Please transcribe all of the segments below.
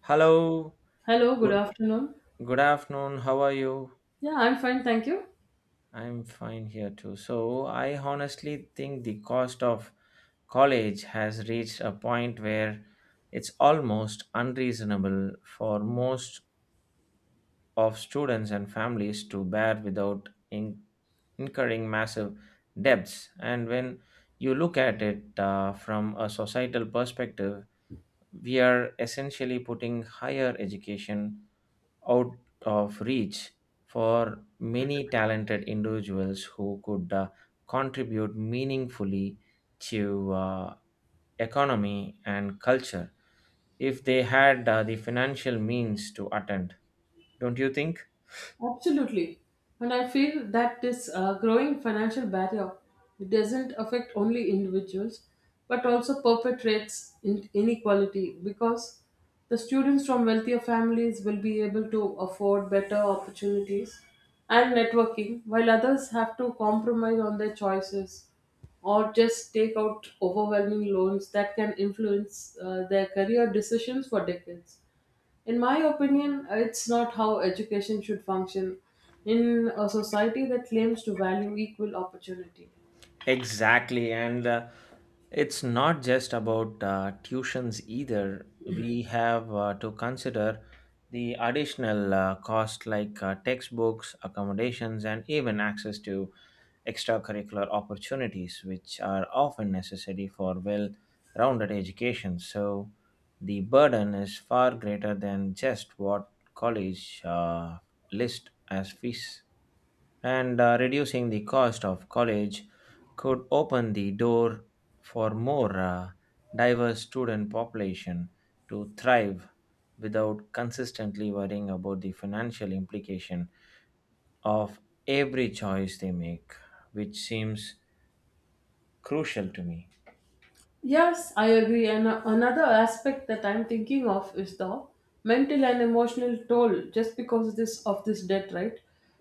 Hello, Hello, good good, afternoon. good afternoon. How are you? Yeah, I'm fine, thank you. I'm fine here too. So, I honestly think the cost of college has reached a point where it's almost unreasonable for most of students and families to bear without incurring massive debts. And when you look at it from a societal perspective, we are essentially putting higher education out of reach for many talented individuals who could contribute meaningfully to economy and culture if they had the financial means to attend, don't you think? Absolutely. And I feel that this growing financial barrier, it doesn't affect only individuals but also perpetrates inequality because the students from wealthier families will be able to afford better opportunities and networking, while others have to compromise on their choices or just take out overwhelming loans that can influence their career decisions for decades. In my opinion, it's not how education should function in a society that claims to value equal opportunity. Exactly, and it's not just about tuitions either. We have to consider the additional cost like textbooks, accommodations, and even access to extracurricular opportunities, which are often necessary for well rounded education. So the burden is far greater than just what college list as fees, and reducing the cost of college could open the door for more diverse student population to thrive without consistently worrying about the financial implication of every choice they make, which seems crucial to me. Yes, I agree. And another aspect that I'm thinking of is the mental and emotional toll just because of this debt, right?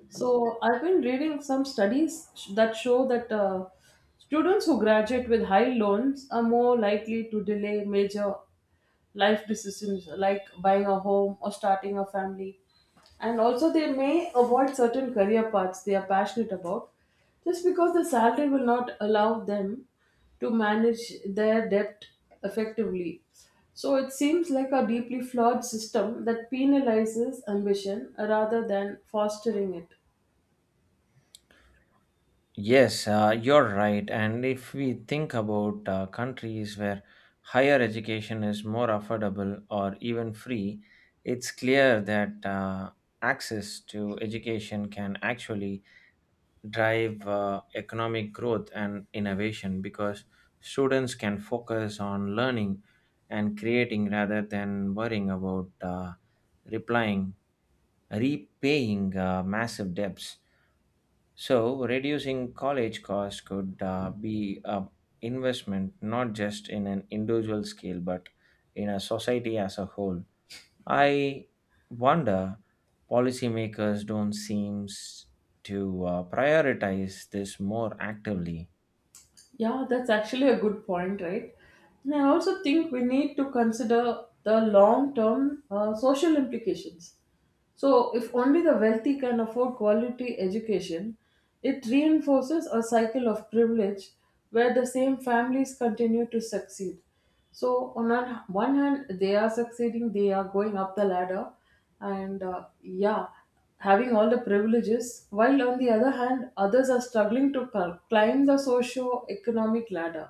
So I've been reading some studies that show that students who graduate with high loans are more likely to delay major life decisions like buying a home or starting a family. And also, they may avoid certain career paths they are passionate about just because the salary will not allow them to manage their debt effectively. So, it seems like a deeply flawed system that penalizes ambition rather than fostering it. Yes, you're right. And if we think about countries where higher education is more affordable or even free, it's clear that access to education can actually drive economic growth and innovation because students can focus on learning and creating rather than worrying about replying, repaying massive debts. So, reducing college costs could be an investment not just in an individual scale but in a society as a whole. I wonder policymakers don't seem to prioritize this more actively. Yeah, that's actually a good point, right? And I also think we need to consider the long term social implications. So, if only the wealthy can afford quality education, it reinforces a cycle of privilege where the same families continue to succeed. So, on one hand, they are succeeding, they are going up the ladder, and yeah, having all the privileges, while on the other hand, others are struggling to climb the socio economic ladder.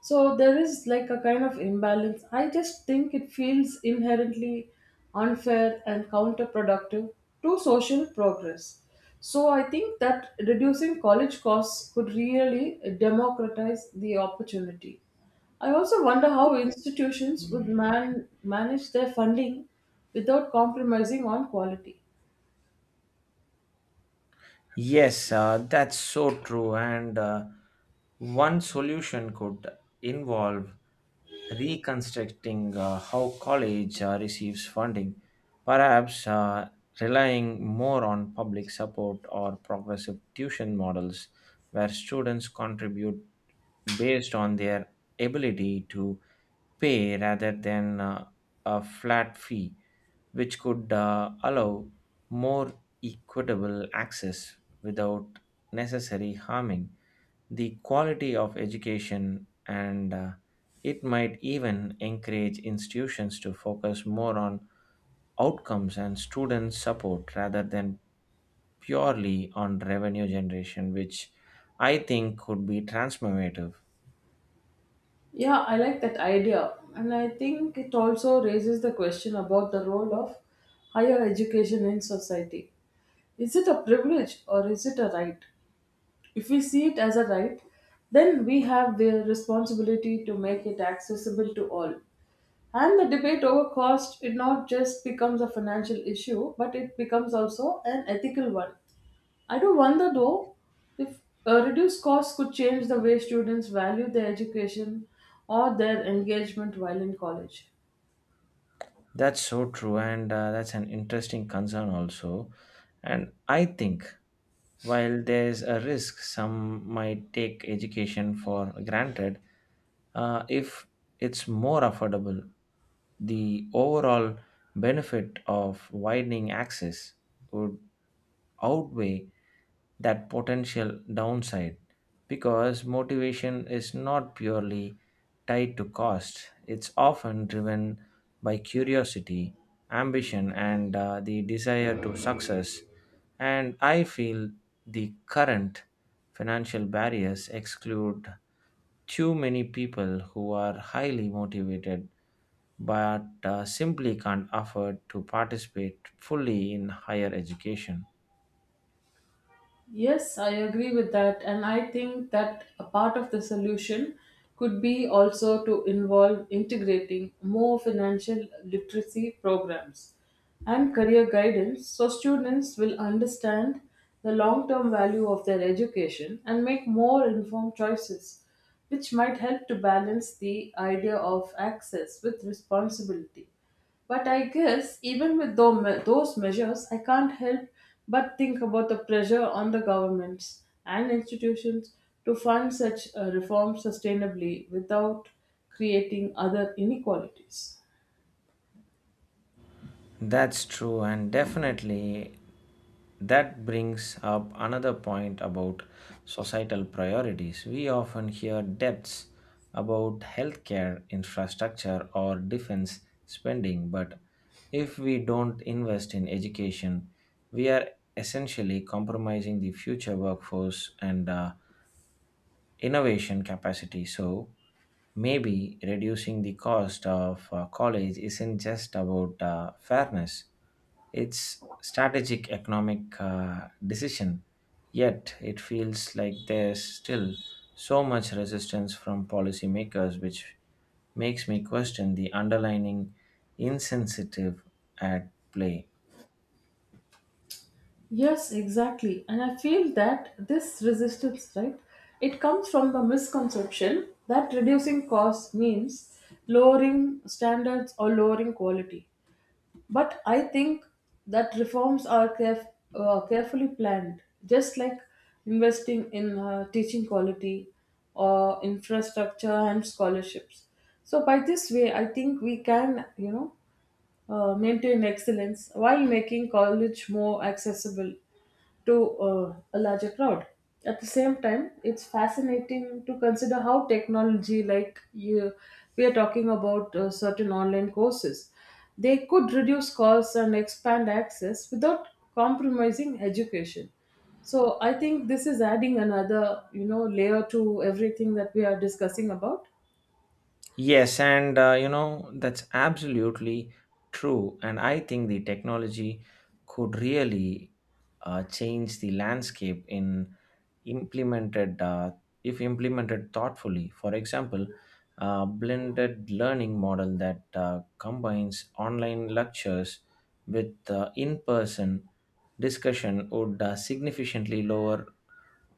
So there is like a kind of imbalance. I just think it feels inherently unfair and counterproductive to social progress. So I think that reducing college costs could really democratize the opportunity. I also wonder how institutions would manage their funding without compromising on quality. Yes, that's so true. And one solution could involve reconstructing how college receives funding, perhaps relying more on public support or progressive tuition models where students contribute based on their ability to pay rather than a flat fee, which could allow more equitable access without necessarily harming the quality of education, and it might even encourage institutions to focus more on outcomes and student support rather than purely on revenue generation, which I think could be transformative. Yeah, I like that idea. And I think it also raises the question about the role of higher education in society. Is it a privilege or is it a right? If we see it as a right, then we have the responsibility to make it accessible to all. And the debate over cost, it not just becomes a financial issue, but it becomes also an ethical one. I do wonder though if reduced costs could change the way students value their education or their engagement while in college. That's so true, and that's an interesting concern also. And I think while there's a risk some might take education for granted, if it's more affordable, the overall benefit of widening access would outweigh that potential downside because motivation is not purely tied to cost, it's often driven by curiosity, ambition, and the desire to success. And I feel the current financial barriers exclude too many people who are highly motivated but simply can't afford to participate fully in higher education. Yes, I agree with that. And I think that a part of the solution could be also to involve integrating more financial literacy programs and career guidance so students will understand the long term value of their education and make more informed choices, which might help to balance the idea of access with responsibility. But I guess even with those measures, I can't help but think about the pressure on the governments and institutions to fund such reforms sustainably without creating other inequalities. That's true, and definitely that brings up another point about societal priorities. We often hear debts about healthcare, infrastructure, or defense spending, but if we don't invest in education, we are essentially compromising the future workforce and innovation capacity. So maybe reducing the cost of college isn't just about fairness, it's strategic economic decision. Yet it feels like there's still so much resistance from policymakers, which makes me question the underlying insensitive at play. Yes, exactly. And I feel that this resistance, right, it comes from the misconception that reducing costs means lowering standards or lowering quality. But I think that reforms are carefully planned, just like investing in teaching quality or infrastructure and scholarships. So by this way, I think we can, maintain excellence while making college more accessible to a larger crowd. At the same time, it's fascinating to consider how technology, like you, we are talking about certain online courses, they could reduce costs and expand access without compromising education. So I think this is adding another, you know, layer to everything that we are discussing about. Yes, and you know, that's absolutely true. And I think the technology could really change the landscape in implemented if implemented thoughtfully. For example, a blended learning model that combines online lectures with in-person discussion would significantly lower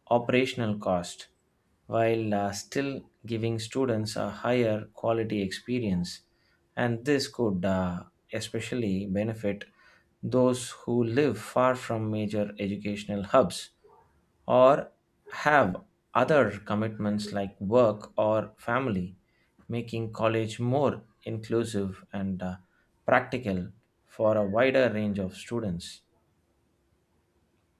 operational cost while still giving students a higher quality experience, and this could especially benefit those who live far from major educational hubs or have other commitments like work or family, making college more inclusive and practical for a wider range of students.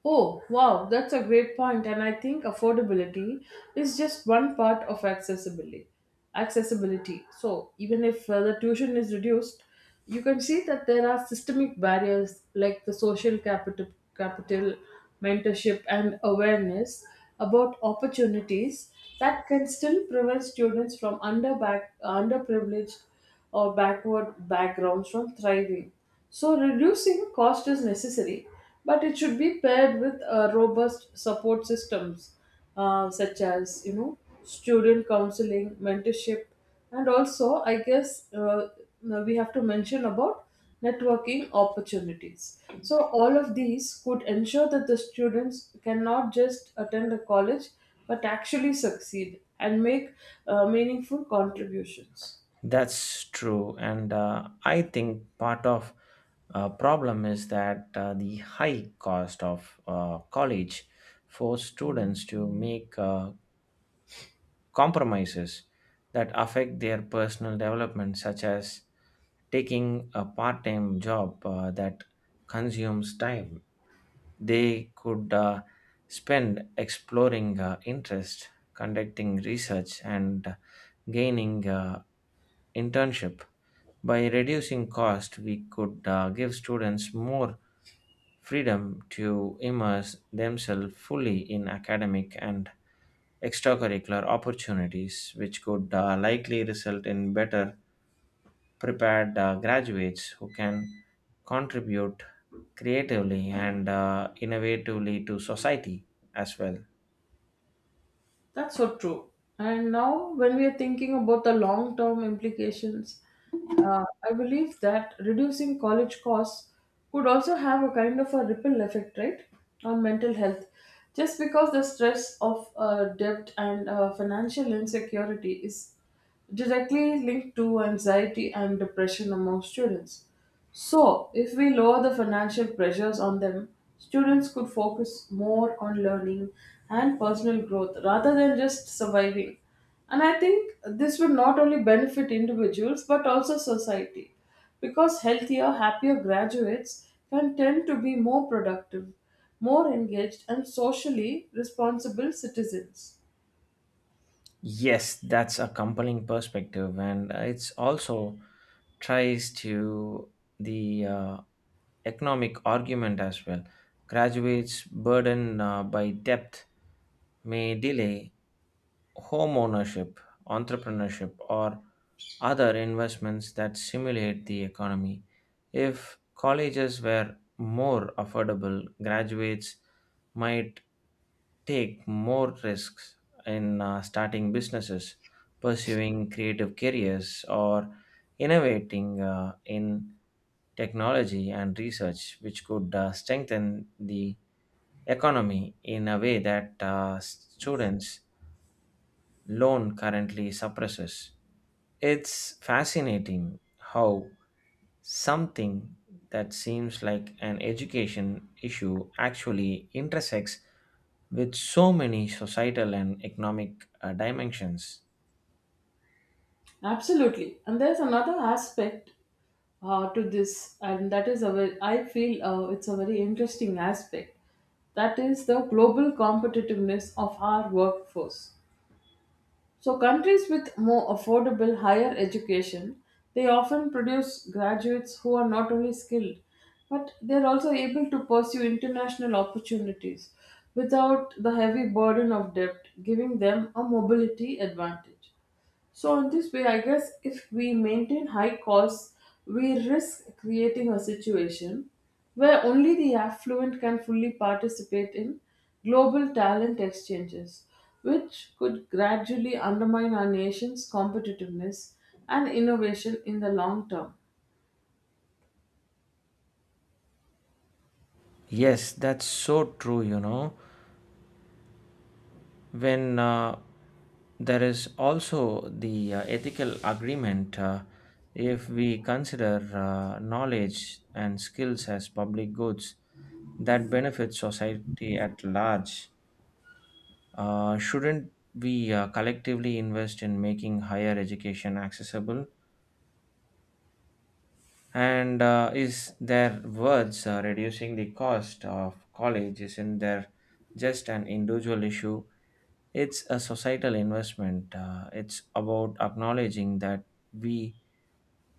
Oh, wow, that's a great point, and I think affordability is just one part of accessibility. So even if the tuition is reduced, you can see that there are systemic barriers like the social capital, mentorship, and awareness about opportunities that can still prevent students from underprivileged or backward backgrounds from thriving. So, reducing cost is necessary, but it should be paired with robust support systems such as, you know, student counseling, mentorship, and also I guess we have to mention about networking opportunities. So, all of these could ensure that the students cannot just attend a college but actually succeed and make meaningful contributions. That's true, and I think part of problem is that the high cost of college force students to make compromises that affect their personal development, such as taking a part time job that consumes time they could spend exploring interest, conducting research, and gaining internship. By reducing cost, we could give students more freedom to immerse themselves fully in academic and extracurricular opportunities, which could likely result in better prepared graduates who can contribute creatively and innovatively to society as well. That's so true. And now, when we are thinking about the long term implications, I believe that reducing college costs could also have a kind of a ripple effect, right, on mental health. Just because the stress of debt and financial insecurity is directly linked to anxiety and depression among students. So, if we lower the financial pressures on them, students could focus more on learning and personal growth rather than just surviving. And I think this would not only benefit individuals but also society because healthier, happier graduates can tend to be more productive, more engaged, and socially responsible citizens. Yes, that's a compelling perspective, and it's also tries to the economic argument as well. Graduates burdened by debt may delay home ownership, entrepreneurship, or other investments that stimulate the economy. If colleges were more affordable, graduates might take more risks in starting businesses, pursuing creative careers, or innovating in technology and research, which could strengthen the economy in a way that students' loan currently suppresses. It's fascinating how something that seems like an education issue actually intersects with so many societal and economic dimensions. Absolutely. And there's another aspect to this, and that is a very, I feel it's a very interesting aspect. That is the global competitiveness of our workforce. So, countries with more affordable higher education, they often produce graduates who are not only skilled, but they're also able to pursue international opportunities without the heavy burden of debt, giving them a mobility advantage. So, in this way, I guess if we maintain high costs, we risk creating a situation where only the affluent can fully participate in global talent exchanges, which could gradually undermine our nation's competitiveness and innovation in the long term. Yes, that's so true, you know. When there is also the ethical agreement, if we consider knowledge and skills as public goods that benefit society at large, shouldn't we collectively invest in making higher education accessible? And is there words reducing the cost of college? Isn't there just an individual issue? It's a societal investment. It's about acknowledging that we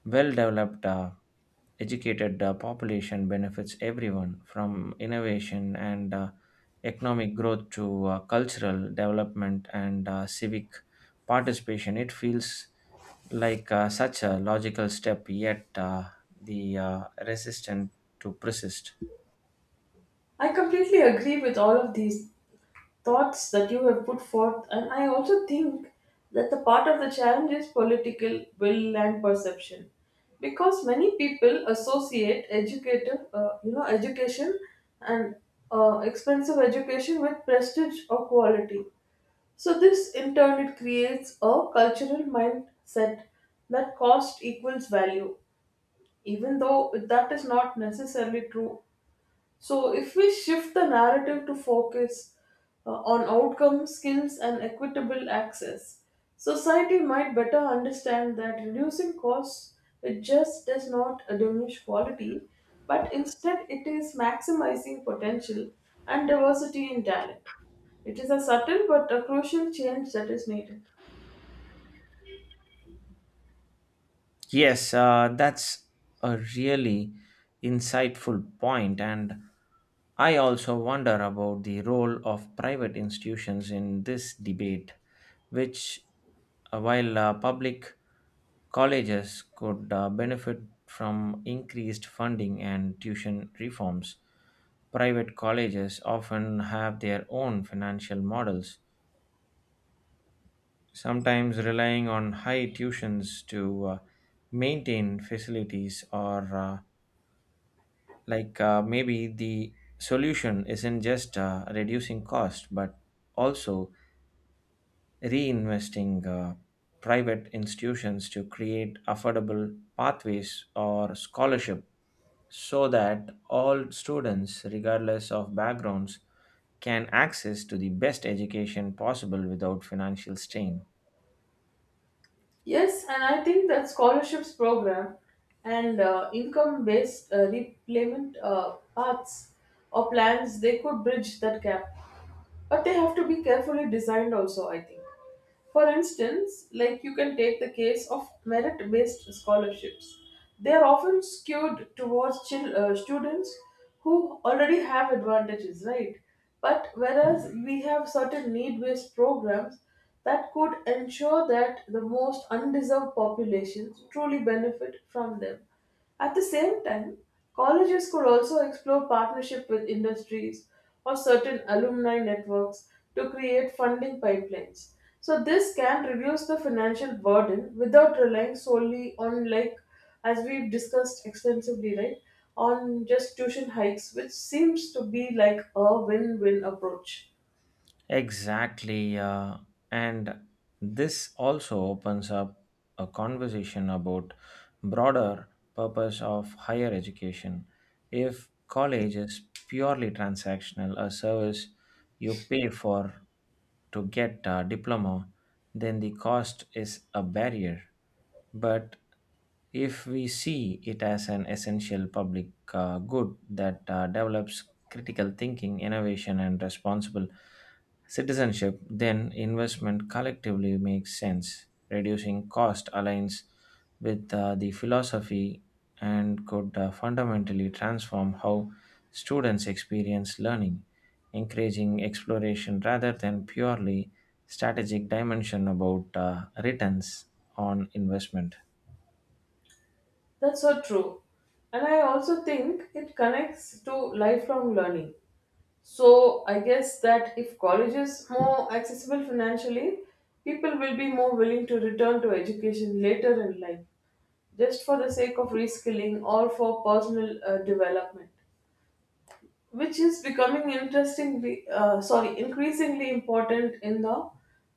well developed. Educated population benefits everyone from innovation and economic growth to cultural development and civic participation. It feels like such a logical step, yet the resistant to persist. I completely agree with all of these thoughts that you have put forth, and I also think that the part of the challenge is political will and perception because many people associate educative, you know education and expensive education with prestige or quality, so this in turn it creates a cultural mindset that cost equals value, even though that is not necessarily true. So, if we shift the narrative to focus on outcome, skills, and equitable access, society might better understand that reducing costs it just does not diminish quality, but instead it is maximizing potential and diversity in talent. It is a subtle but a crucial change that is needed. Yes, that's a really insightful point, and I also wonder about the role of private institutions in this debate, which, while public colleges could benefit from increased funding and tuition reforms, private colleges often have their own financial models, sometimes relying on high tuitions to maintain facilities or like maybe the solution isn't just reducing cost but also reinvesting private institutions to create affordable pathways or scholarship, so that all students regardless of backgrounds can access to the best education possible without financial strain. Yes, and I think that scholarships program and income-based repayment paths or plans, they could bridge that gap, but they have to be carefully designed also, I think. For instance, like, you can take the case of merit based scholarships, they are often skewed towards students who already have advantages, right? But whereas we have certain need based programs that could ensure that the most undeserved populations truly benefit from them. At the same time, colleges could also explore partnership with industries or certain alumni networks to create funding pipelines. So this can reduce the financial burden without relying solely on, like, as we've discussed extensively, right? On just tuition hikes, which seems to be like a win-win approach. Exactly. And this also opens up a conversation about broader purpose of higher education. If college is purely transactional, a service you pay for to get a diploma, then the cost is a barrier. But if we see it as an essential public good that develops critical thinking, innovation, and responsible citizenship, then investment collectively makes sense. Reducing cost aligns with the philosophy and could fundamentally transform how students experience learning, encouraging exploration rather than purely strategic dimension about returns on investment. That's so true. And I also think it connects to lifelong learning. So I guess that if college is more accessible financially, people will be more willing to return to education later in life, just for the sake of reskilling or for personal development, which is becoming increasingly important in the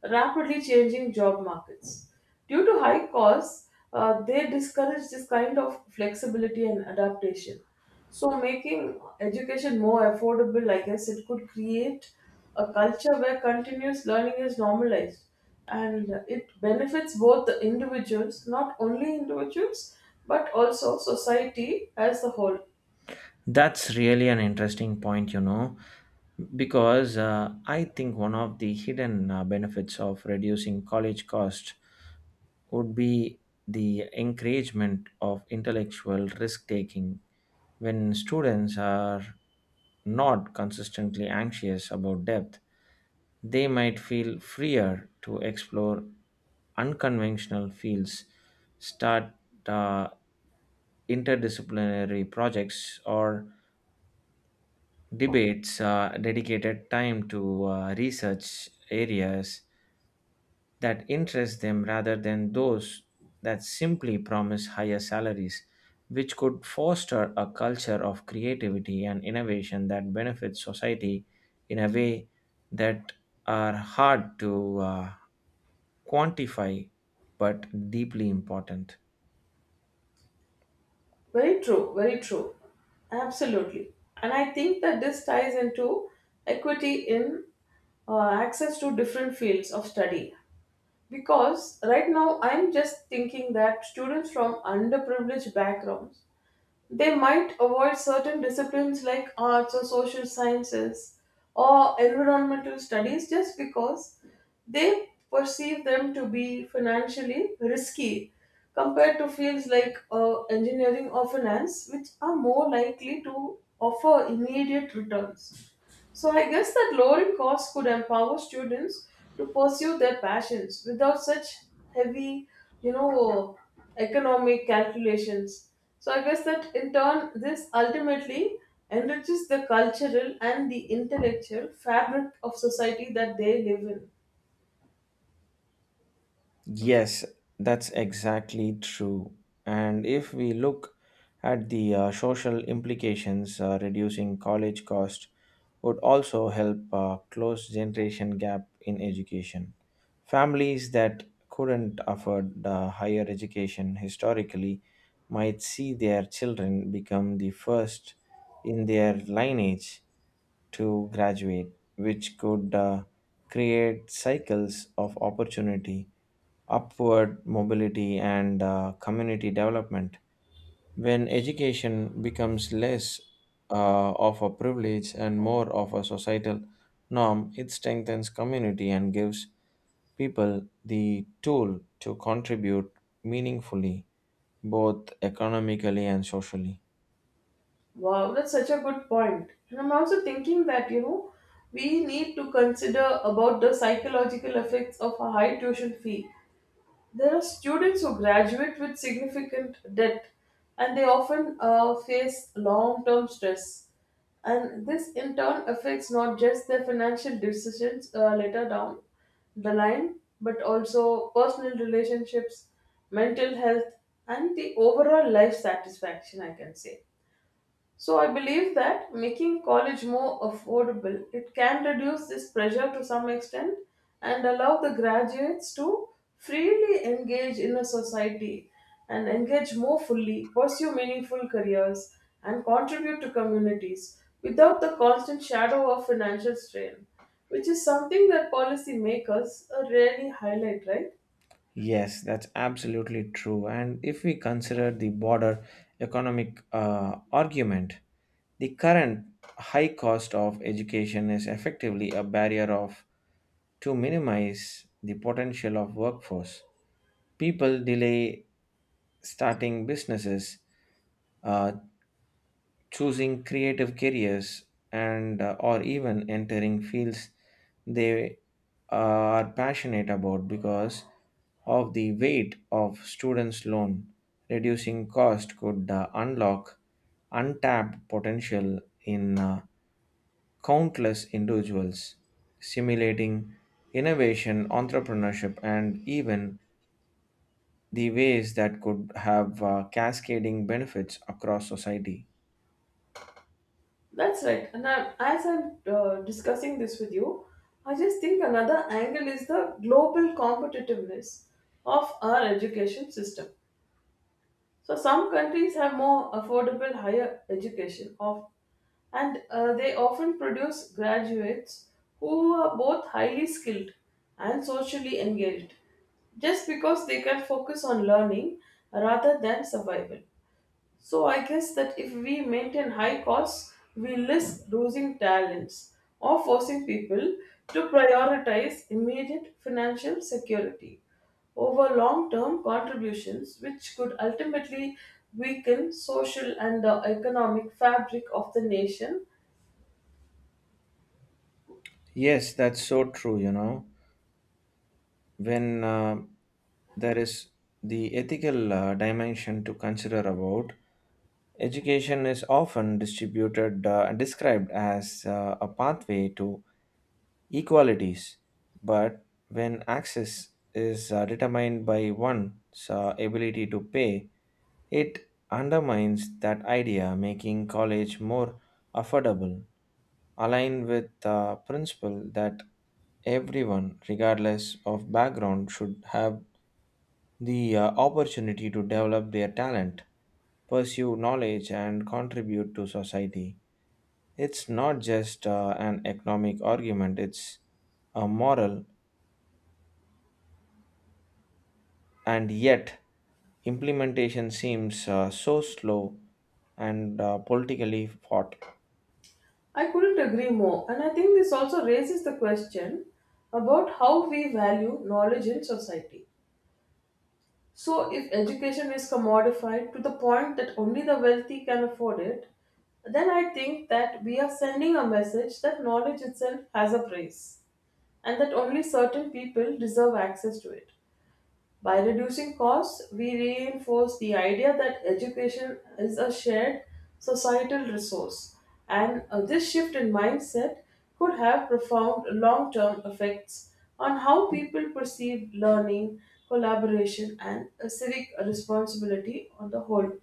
rapidly changing job markets. Due to high costs, they discourage this kind of flexibility and adaptation. So, making education more affordable, I guess it could create a culture where continuous learning is normalized, and it benefits both the individuals, not only individuals, but also society as a whole. That's really an interesting point, you know, because I think one of the hidden benefits of reducing college cost would be the encouragement of intellectual risk taking. When students are not consistently anxious about depth, they might feel freer to explore unconventional fields, start uh, interdisciplinary projects, or debates dedicated time to research areas that interest them rather than those that simply promise higher salaries, which could foster a culture of creativity and innovation that benefits society in a way that are hard to quantify but deeply important. Very true, very true. Absolutely. And I think that this ties into equity in access to different fields of study. Because right now I'm just thinking that students from underprivileged backgrounds, they might avoid certain disciplines like arts or social sciences or environmental studies just because they perceive them to be financially risky compared to fields like engineering or finance, which are more likely to offer immediate returns. So I guess that lowering costs could empower students to pursue their passions without such heavy, you know, economic calculations. So I guess that in turn, this ultimately enriches the cultural and the intellectual fabric of society that they live in. Yes, that's exactly true. And if we look at the social implications, reducing college cost would also help close generation gap in education. Families that couldn't afford higher education historically might see their children become the first in their lineage to graduate, which could create cycles of opportunity, upward mobility, and community development. When education becomes less of a privilege and more of a societal norm, it strengthens community and gives people the tool to contribute meaningfully, both economically and socially. Wow, that's such a good point. And I'm also thinking that, you know, we need to consider about the psychological effects of a high tuition fee. There are students who graduate with significant debt, and they often face long term stress. And this in turn affects not just their financial decisions later down the line, but also personal relationships, mental health, and the overall life satisfaction, I can say. So I believe that making college more affordable, it can reduce this pressure to some extent and allow the graduates to freely engage in a society and engage more fully, pursue meaningful careers, and contribute to communities without the constant shadow of financial strain, which is something that policymakers rarely highlight, right? Yes, that's absolutely true. And if we consider the broader economic argument, the current high cost of education is effectively a barrier of to minimize the potential of workforce. People delay starting businesses, uh, choosing creative careers and or even entering fields they are passionate about because of the weight of students loan. Reducing cost could unlock untapped potential in countless individuals, simulating innovation entrepreneurship and even the ways that could have cascading benefits across society. That's right. And I, as I'm discussing this with you, I just think another angle is the global competitiveness of our education system. So some countries have more affordable higher education of, and they often produce graduates who are both highly skilled and socially engaged, just because they can focus on learning rather than survival. So I guess that if we maintain high costs, we risk losing talents or forcing people to prioritize immediate financial security over long-term contributions, which could ultimately weaken social and the economic fabric of the nation. Yes, that's so true, you know. When there is the ethical dimension to consider about. Education is often distributed and described as a pathway to equalities, but when access is determined by one's ability to pay, it undermines that idea. Making college more affordable aligned with the principle that everyone regardless of background should have the opportunity to develop their talent, pursue knowledge, and contribute to society. It's not just an economic argument, it's a moral, and yet implementation seems so slow and politically fought. I couldn't agree more, and I think this also raises the question about how we value knowledge in society. So, if education is commodified to the point that only the wealthy can afford it, then I think that we are sending a message that knowledge itself has a price and that only certain people deserve access to it. By reducing costs, we reinforce the idea that education is a shared societal resource, and this shift in mindset could have profound long term effects on how people perceive learning, collaboration, and civic responsibility on the whole.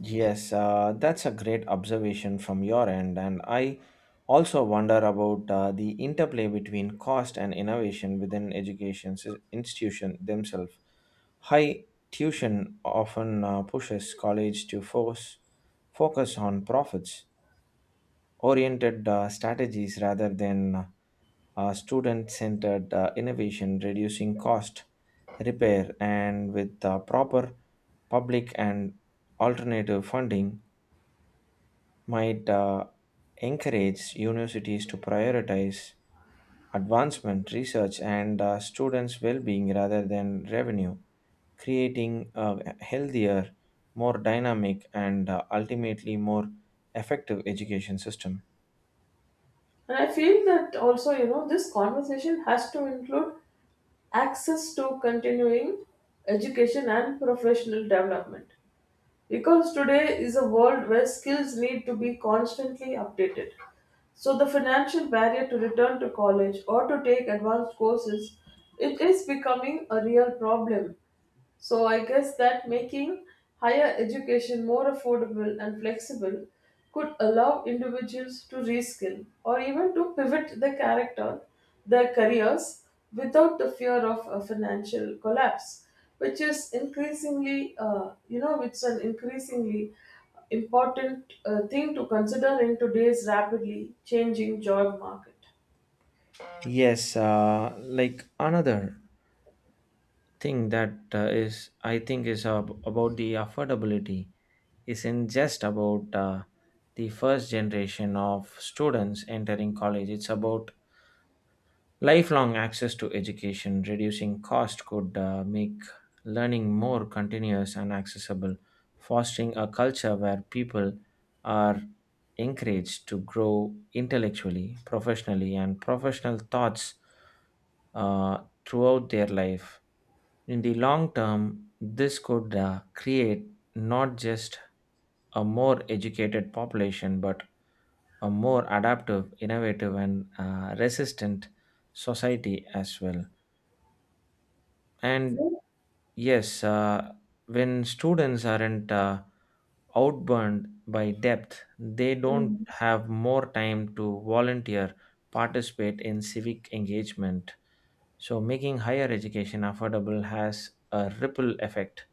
Yes, that's a great observation from your end, and I also wonder about the interplay between cost and innovation within education institution themselves. High tuition often pushes college to focus on profits oriented strategies rather than student centered innovation. Reducing cost, repair, and with proper public and alternative funding, might encourage universities to prioritize advancement, research, and students' well being rather than revenue, creating a healthier, more dynamic, and ultimately more effective education system. And I feel that also, you know, this conversation has to include access to continuing education and professional development. Because today is a world where skills need to be constantly updated. So the financial barrier to return to college or to take advanced courses, it is becoming a real problem. So I guess that making higher education more affordable and flexible could allow individuals to reskill or even to pivot their character, their careers without the fear of a financial collapse, which is increasingly, you know, it's an increasingly important thing to consider in today's rapidly changing job market. Yes, like another thing that is, I think, is about the affordability isn't just about the first generation of students entering college. It's about lifelong access to education. Reducing cost could make learning more continuous and accessible, fostering a culture where people are encouraged to grow intellectually, professionally, and professional thoughts throughout their life. In the long term, this could create not just a more educated population, but a more adaptive, innovative, and resistant society as well. And Yeah. yes, when students aren't outburned by depth, they don't Mm. have more time to volunteer, participate in civic engagement. So, making higher education affordable has a ripple effect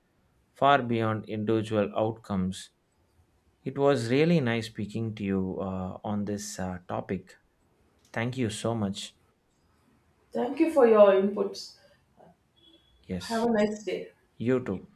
far beyond individual outcomes. It was really nice speaking to you on this topic. Thank you so much. Thank you for your inputs. Have Yes, a nice day. you too.